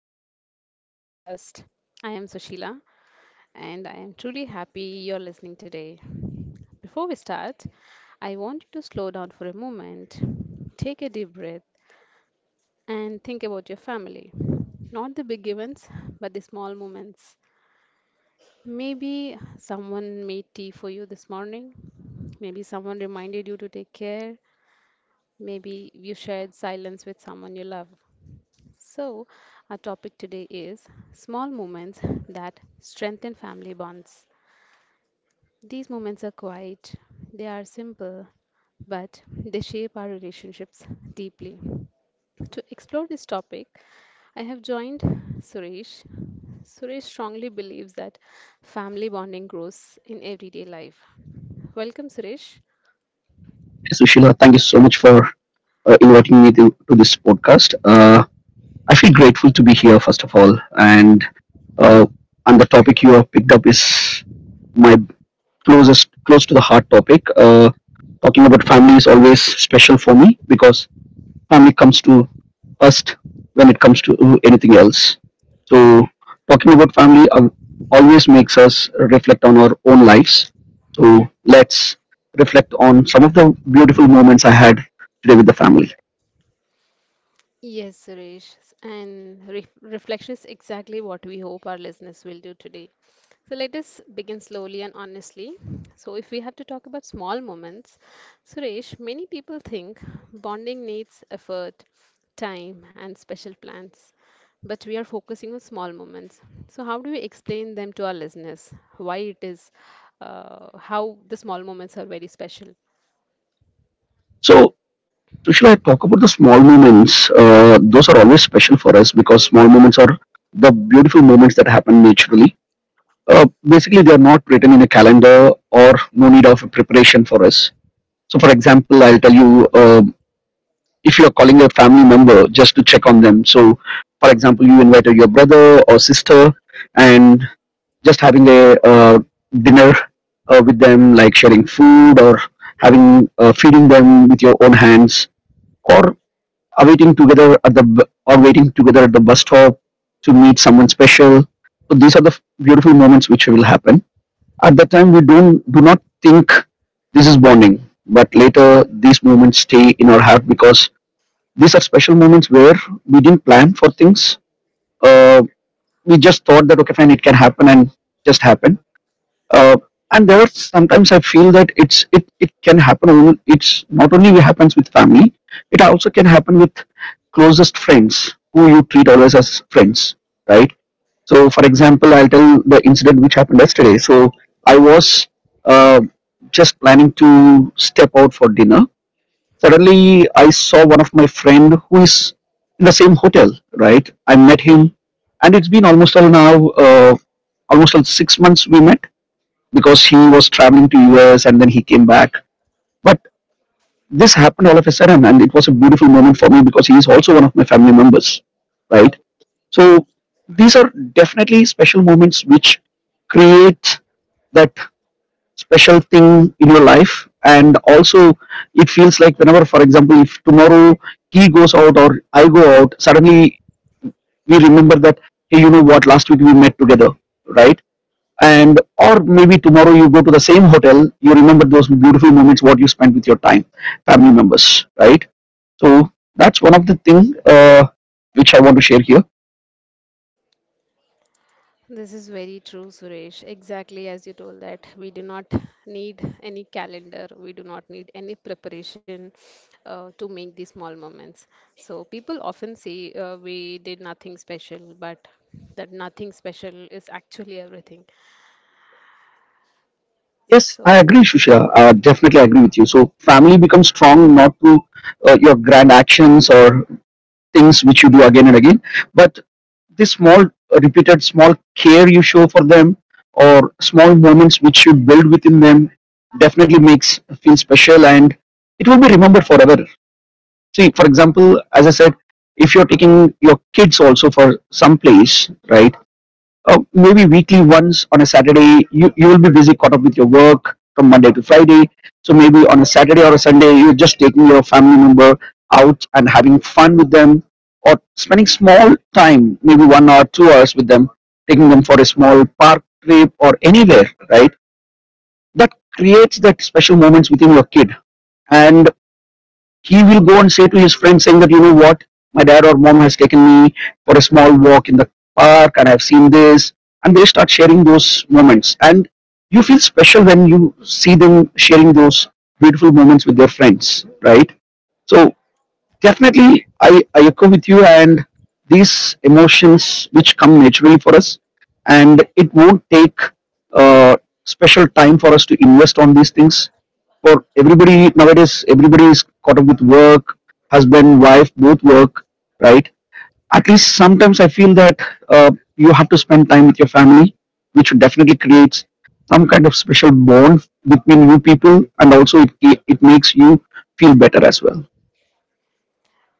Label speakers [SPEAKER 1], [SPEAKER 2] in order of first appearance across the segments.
[SPEAKER 1] and welcome to our podcast. I am Sushila, and I am truly happy you're listening today. Before we start, I want you to slow down for a moment, take a deep breath, and think about your family. Not the big events, but the small moments. Maybe someone made tea for you this morning, maybe someone reminded you to take care, maybe you shared silence with someone you love. So, our topic today is small moments that strengthen family bonds. These moments are quiet, they are simple, but they shape our relationships deeply. To explore this topic, I have joined Suresh. Suresh strongly believes that family bonding grows in everyday life. Welcome, Suresh. Yes, Suresh, and reflection is exactly what we hope our listeners will do today. So let us begin slowly and honestly. So, if we have to talk about small moments, Suresh, many people think bonding needs effort, time, and special plans, but we are focusing on small moments. So, how do we explain them to our listeners? Why it is, how the small moments are very special? This is very true, Suresh. Exactly as you told that we do not need any calendar, we do not need any preparation to make these small moments. So people often say we did nothing special, but that nothing special is actually everything. So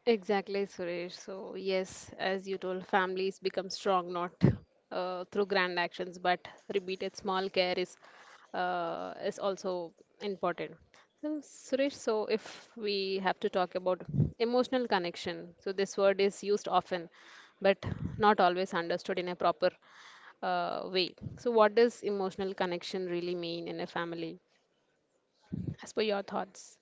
[SPEAKER 1] exactly, Suresh. So, yes, as you told, families become strong not through grand actions, but repeated small care is also important. So, Suresh, so if we have to talk about emotional connection, so this word is used often, but not always understood in a proper way. So, what does emotional connection really mean in a family? As per your thoughts.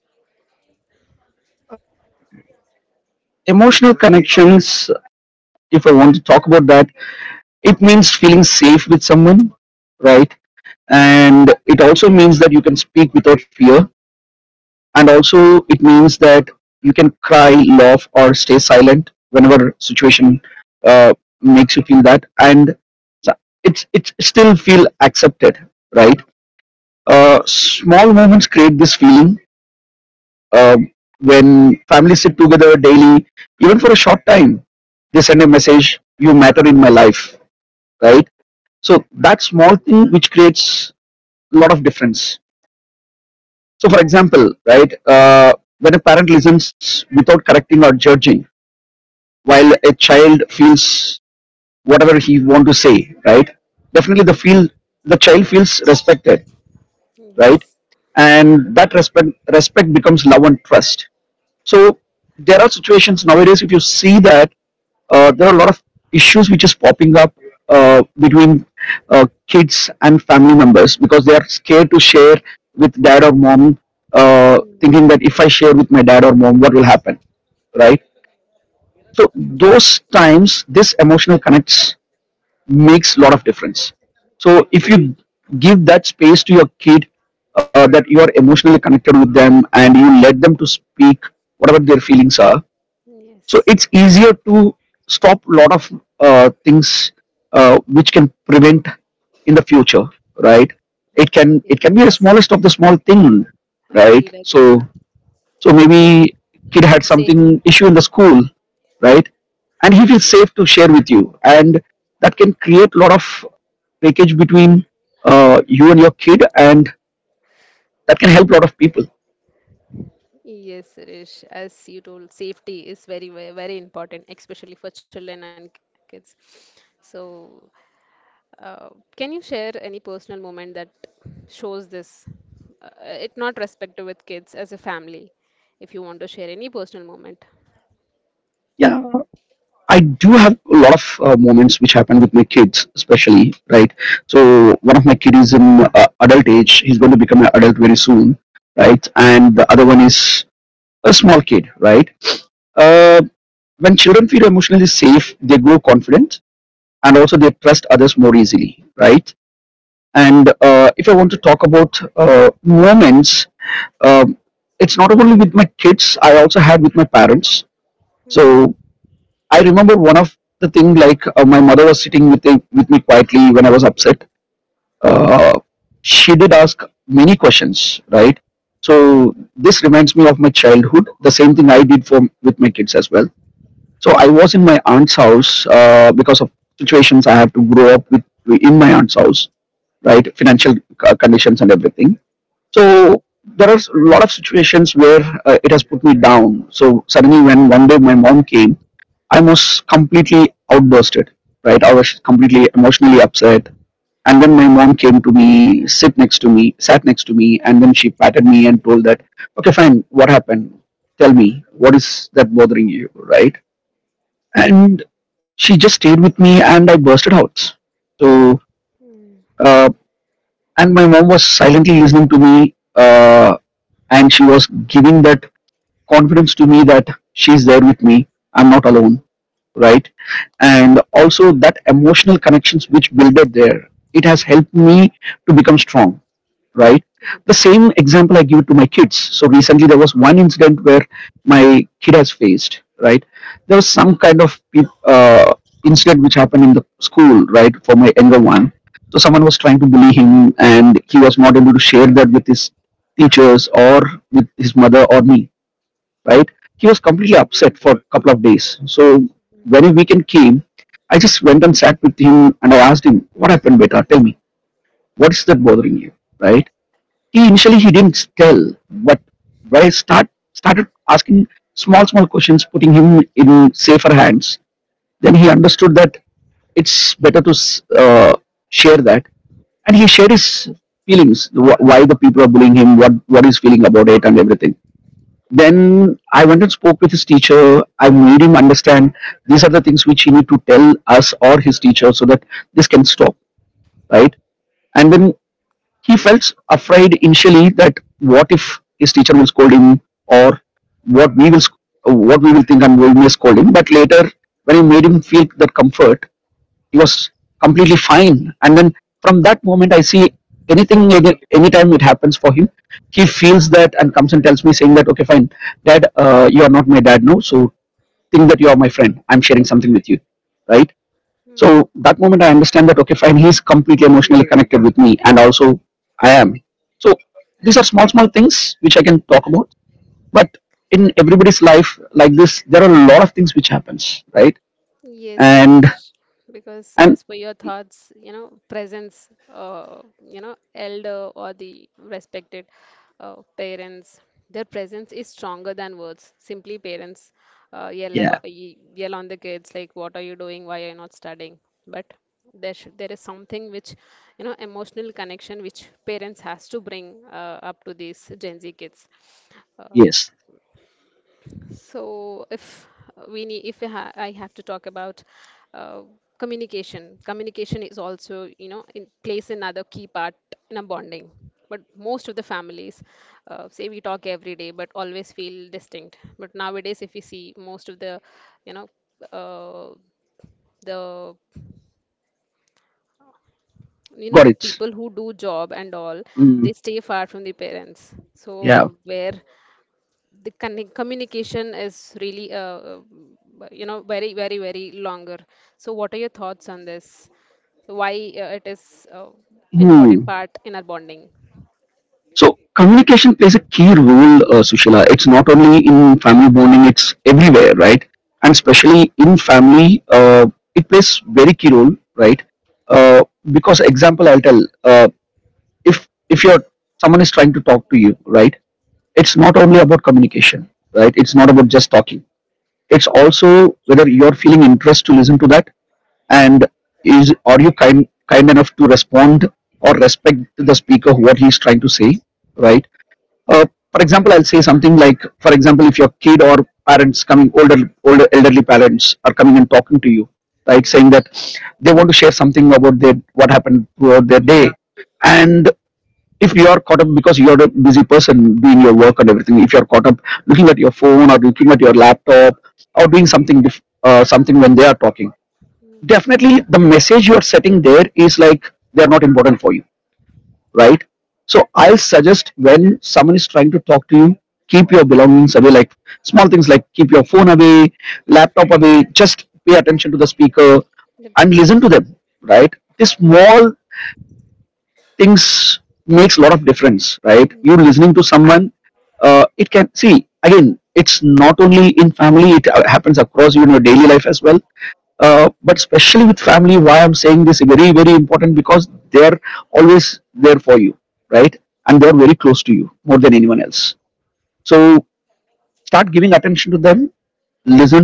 [SPEAKER 1] Hmm. Yes. Mm. Yes. Yes, agreed. The safe, yes, yes, yes, Suresh. As you told, safety is very, very, very important, especially for children and kids. So, uh, can you share any personal moment that shows this? It not respected with kids as a family. If you want to share any personal moment, agree. Yes, Suresh, because as per your thoughts, you know, presence, you know, elder or the respected parents, their presence is stronger than words. Simply parents yell about, yell on the kids like, "What are you doing? Why are you not studying?" But there is something which, you know, emotional connection which parents has to bring up to these Gen Z kids. Uh, so if we need, if I ha- I have to talk about uh, communication, communication is also, you know, in plays another key part in a bonding. But most of the families say we talk every day, but always feel distinct. But nowadays, if we see most of you know, uh, the you know the people who do job and all, they stay far from the parents, so where the communication is really uh, you know, very, very, very longer. So what are your thoughts on this? Why it is important part in our bonding? Mm, yep. Mm,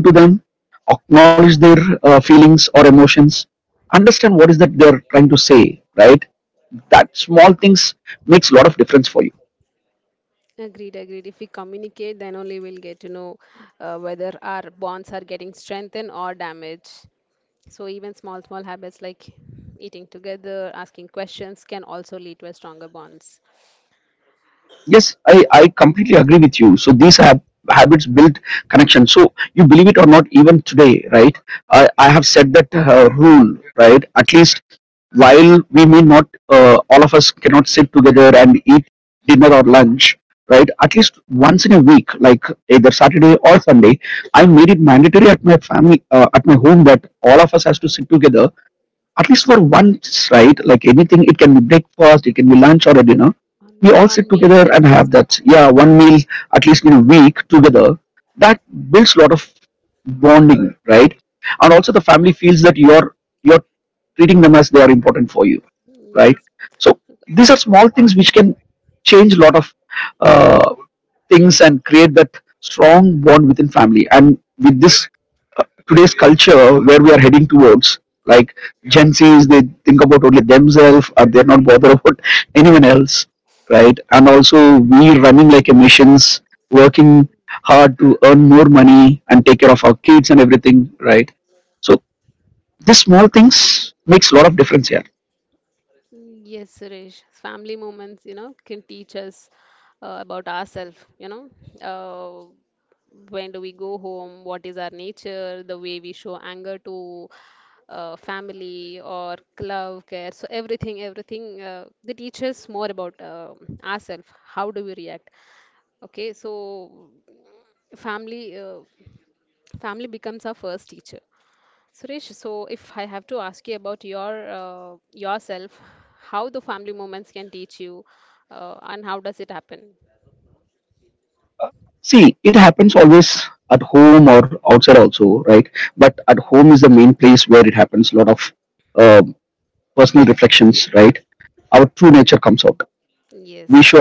[SPEAKER 1] agreed If we communicate, then only we'll get to know whether our bonds are getting strengthened or damaged. So even small, small habits like eating together, asking questions can also lead to a stronger bonds. One meal at least. Yes. Yes, Suresh. Family moments, you know, can teach us about ourselves, you know. Uh, when do we go home? What is our nature? The way we show anger to family or love, care. So everything, they teach us more about ourselves. How do we react? Okay, so family, uh, family becomes our first teacher. Suresh, so if I have to ask you about your yourself, how the family moments can teach you, and how does it happen? Yes.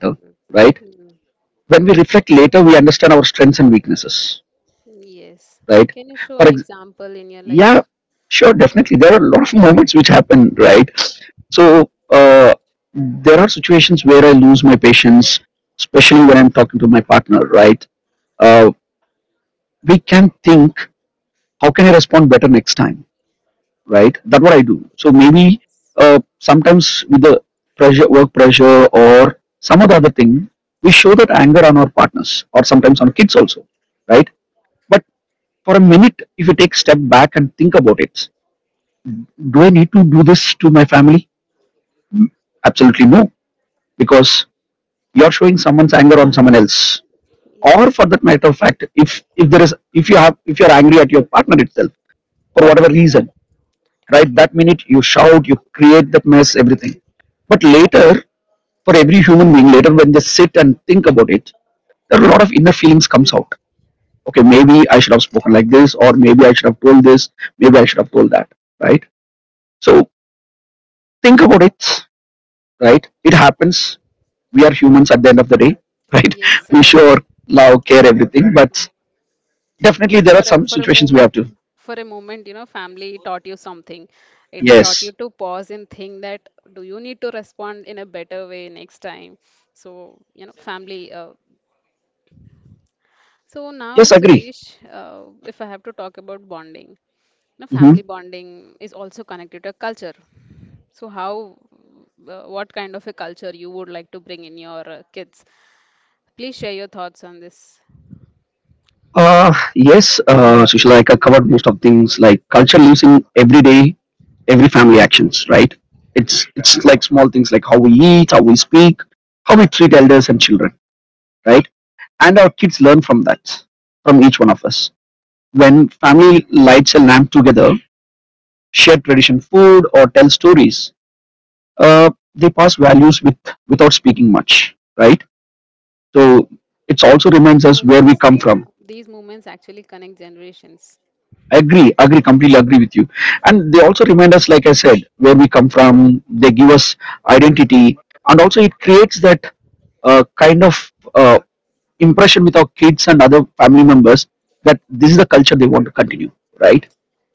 [SPEAKER 1] Hmm. Hmm. Yes. Can you show an example in your life? Yes. Yes. Yes, Suresh. You know, for a moment, you know, family taught you something. It taught you to pause and think that do you need to respond in a better way next time? So, you know, family so now, Suresh, if I have to talk about bonding, now family bonding is also connected to culture. So how, what kind of a culture you would like to bring in your kids? Please share your thoughts on this. These moments, yeah, these moments actually connect generations.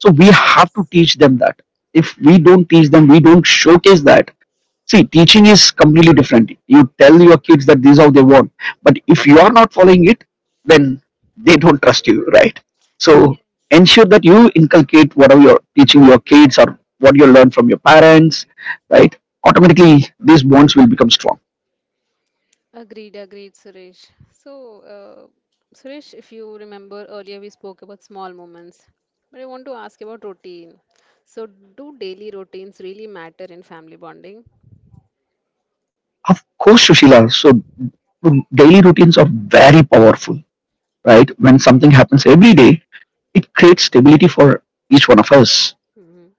[SPEAKER 1] Yes. Yes. Agreed, Suresh. So, Suresh, if you remember earlier, we spoke about small moments, but I want to ask about routine. So, do daily routines really matter in family bonding? Hmm.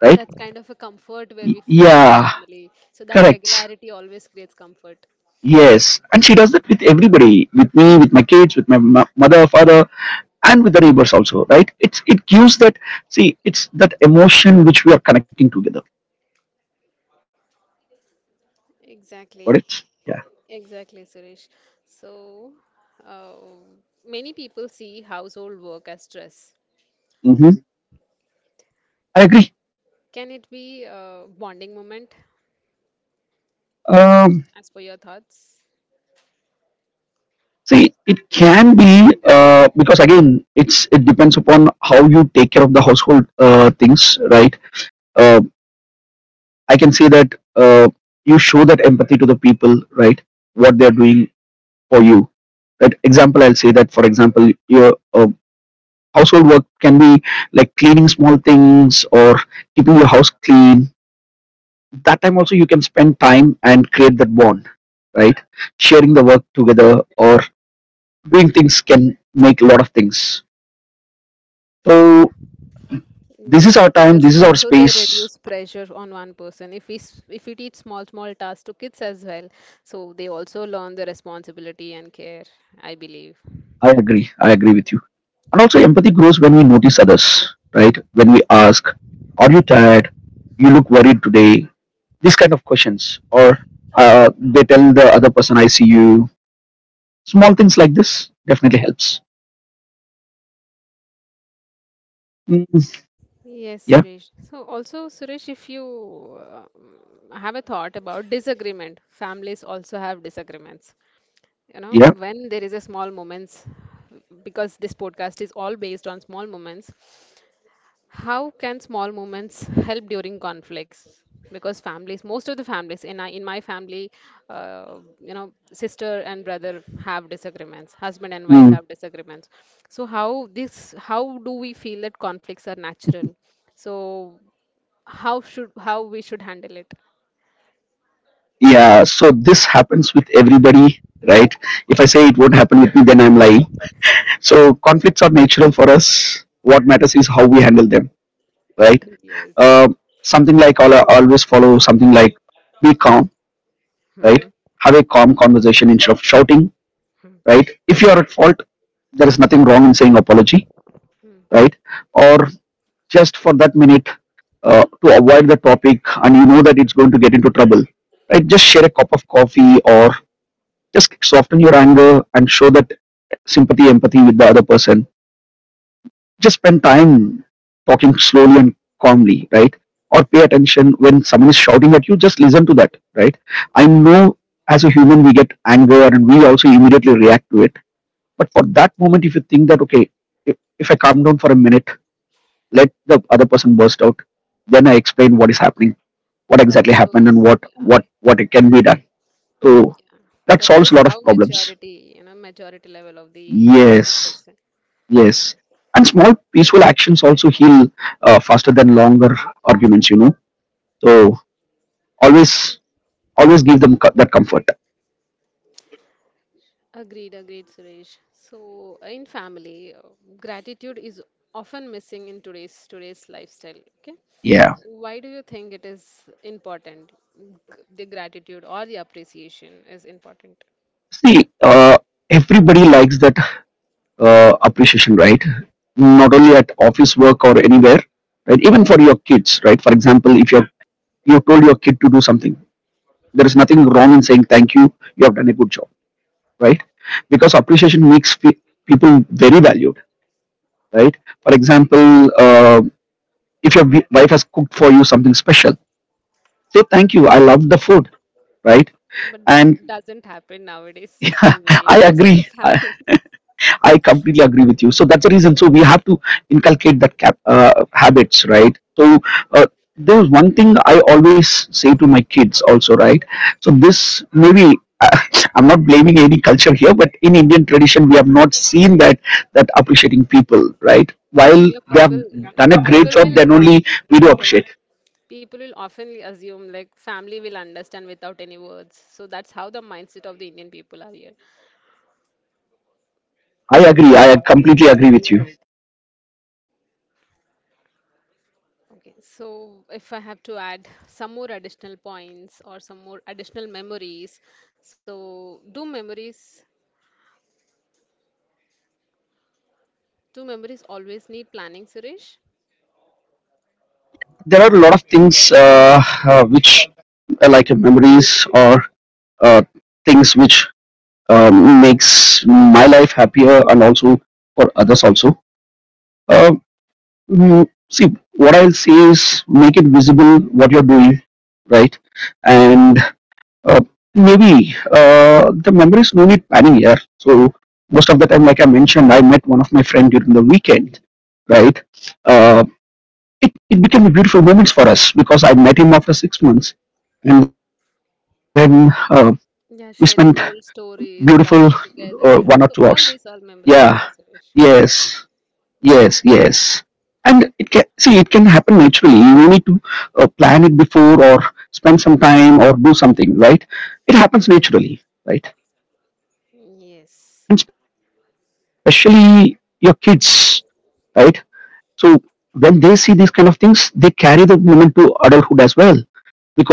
[SPEAKER 1] That's kind of a comfort where we feel with our family. So, that regularity always creates comfort. Exactly. Exactly, Suresh. So, uh, many people see household work as stress. Can it be a bonding moment, as per your thoughts? Yes, because also they reduce pressure on one person. If if we teach small small tasks to kids as well, so they also learn the responsibility and care, I believe. Yes, Suresh. So also, Suresh, if you uh, have a thought about disagreement, families also have disagreements. You know, when there is a small moments, because this podcast is all based on small moments, how can small moments help during conflicts? Because families, most of the families in my family, you know, sister and brother have disagreements, husband and wife have disagreements. So how do we feel that conflicts are natural? So how we should handle it? Yes. Hmm. That shows, yeah, yeah. That shows how majority level of the opposite person. Agreed, Suresh. So, in family, gratitude is often missing in today's lifestyle. Okay, why do you think it is important? The gratitude or the appreciation is important, but that doesn't happen nowadays. I believe in most of the families. Here, people will people will often assume like family will understand without any words. So that's how the mindset of the Indian people are here. Okay, so if I have to add some more additional points or some more additional memories, so do memories always need planning, Suresh?
[SPEAKER 2] There are a lot of things, which like memories or uh, things which makes my life happier, and also for others also. uh, mm, See, what I'll say is make it visible what you're doing, right? and uh, Maybe the memories no need planning here. So most of the time, like I mentioned, I met one of my friend during the weekend, right? Uh, it became a beautiful moments for us because I met him after 6 months, and then we spent
[SPEAKER 1] Yeah, sharing old
[SPEAKER 2] beautiful
[SPEAKER 1] stories, laughing
[SPEAKER 2] one or two
[SPEAKER 1] together.
[SPEAKER 2] hours.
[SPEAKER 1] So all these are
[SPEAKER 2] Yeah,
[SPEAKER 1] memories only, Suresh.
[SPEAKER 2] yes, yes, yes. And it can, see, it can happen naturally. You don't need to plan it before or spend some time or do something, right?
[SPEAKER 1] Hmm.
[SPEAKER 2] It happens naturally, right?
[SPEAKER 1] Yes.
[SPEAKER 2] And especially your kids, right? So when they see these kind of things, they carry the moment to adulthood as well,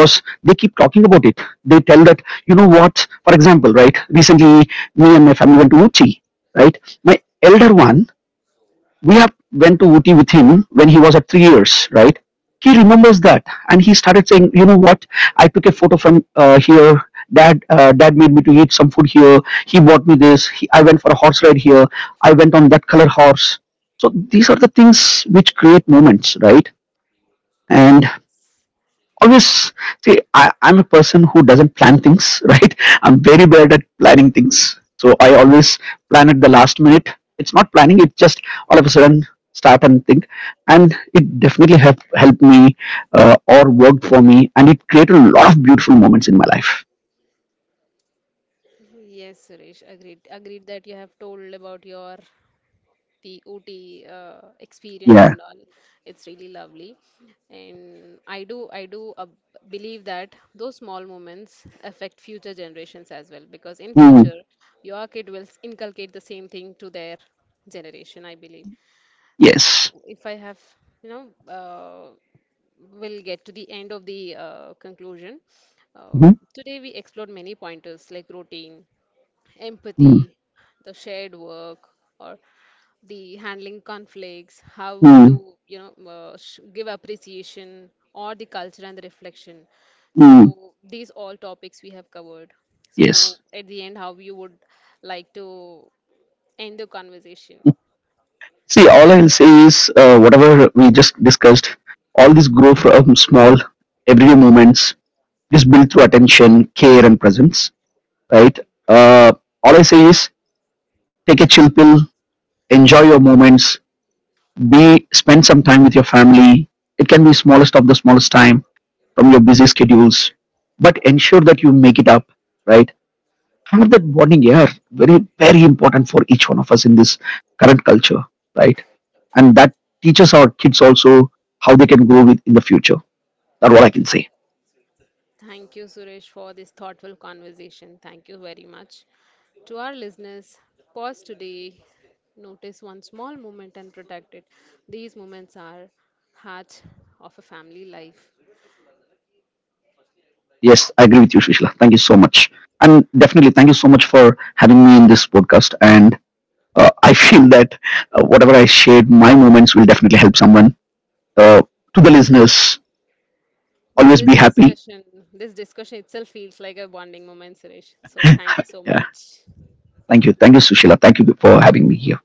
[SPEAKER 2] because they keep talking about it. They tell that, you know what, for example, right, recently me and my family went to Uti, right? My elder one, we have went to Uti with him when he was at 3 years, right? He
[SPEAKER 1] Mm.
[SPEAKER 2] remembers that and he started saying, you know what, I took a photo from here. Dad, dad made me to eat some food here. He bought me this. He, I went for a horse ride here. I went on that color horse. So these are the things which create moments, right? And
[SPEAKER 1] Yes.
[SPEAKER 2] always, see, I'm a person who doesn't plan things right. I'm very bad at planning things, so I always plan at the last minute. It's not planning, it's just all of a sudden start and think. And it definitely have helped me, or worked for me, and it created a lot of beautiful moments in my life.
[SPEAKER 1] Yes, Suresh, agreed. Agreed that you have told about your the OT experience
[SPEAKER 2] Yeah.
[SPEAKER 1] and all. It's really lovely, and I do believe that those small moments affect future generations as well, because in
[SPEAKER 2] Mm.
[SPEAKER 1] future your kid will inculcate the same thing to their generation. I believe. So
[SPEAKER 2] Yes.
[SPEAKER 1] if I have you know. We'll get to the end of the conclusion. Uh,
[SPEAKER 2] Hmm.
[SPEAKER 1] today, we explored many pointers like routine,
[SPEAKER 2] Mm.
[SPEAKER 1] empathy, the shared work, or the handling conflicts, how
[SPEAKER 2] Mm.
[SPEAKER 1] to you know give appreciation, or the culture and the reflection.
[SPEAKER 2] Mm.
[SPEAKER 1] So these all topics we have covered.
[SPEAKER 2] Yes.
[SPEAKER 1] So at the end, how you would like to end the conversation?
[SPEAKER 2] See, all I'll say is whatever we just discussed, all this grow from small everyday moments. It is built through attention, care, and presence, right? Uh, all I say is take a chill pill, enjoy your moments, be spend some time with your family. It can be smallest of the smallest time from your busy schedules, but ensure that you make it up, right? Have that bonding here, very very important for each one of us in this current culture, right? And that teaches our kids also how they can grow with in the future. That's all I can say.
[SPEAKER 1] Thank you, Suresh, for this thoughtful conversation. Thank you very much. To our listeners, pause today, notice one small moment and protect it. These moments are heart of a family life.
[SPEAKER 2] Yes, I agree with you, Shishla. Thank you so much. And definitely, thank you so much for having me in this podcast. And I feel that whatever I shared, my moments will definitely help someone. Uh, to the listeners, always
[SPEAKER 1] This
[SPEAKER 2] be happy.
[SPEAKER 1] discussion, this discussion itself feels like a bonding moment, Suresh. So thank you so
[SPEAKER 2] Yeah.
[SPEAKER 1] much.
[SPEAKER 2] Thank you. Thank you, Sushila. Thank you for having me here.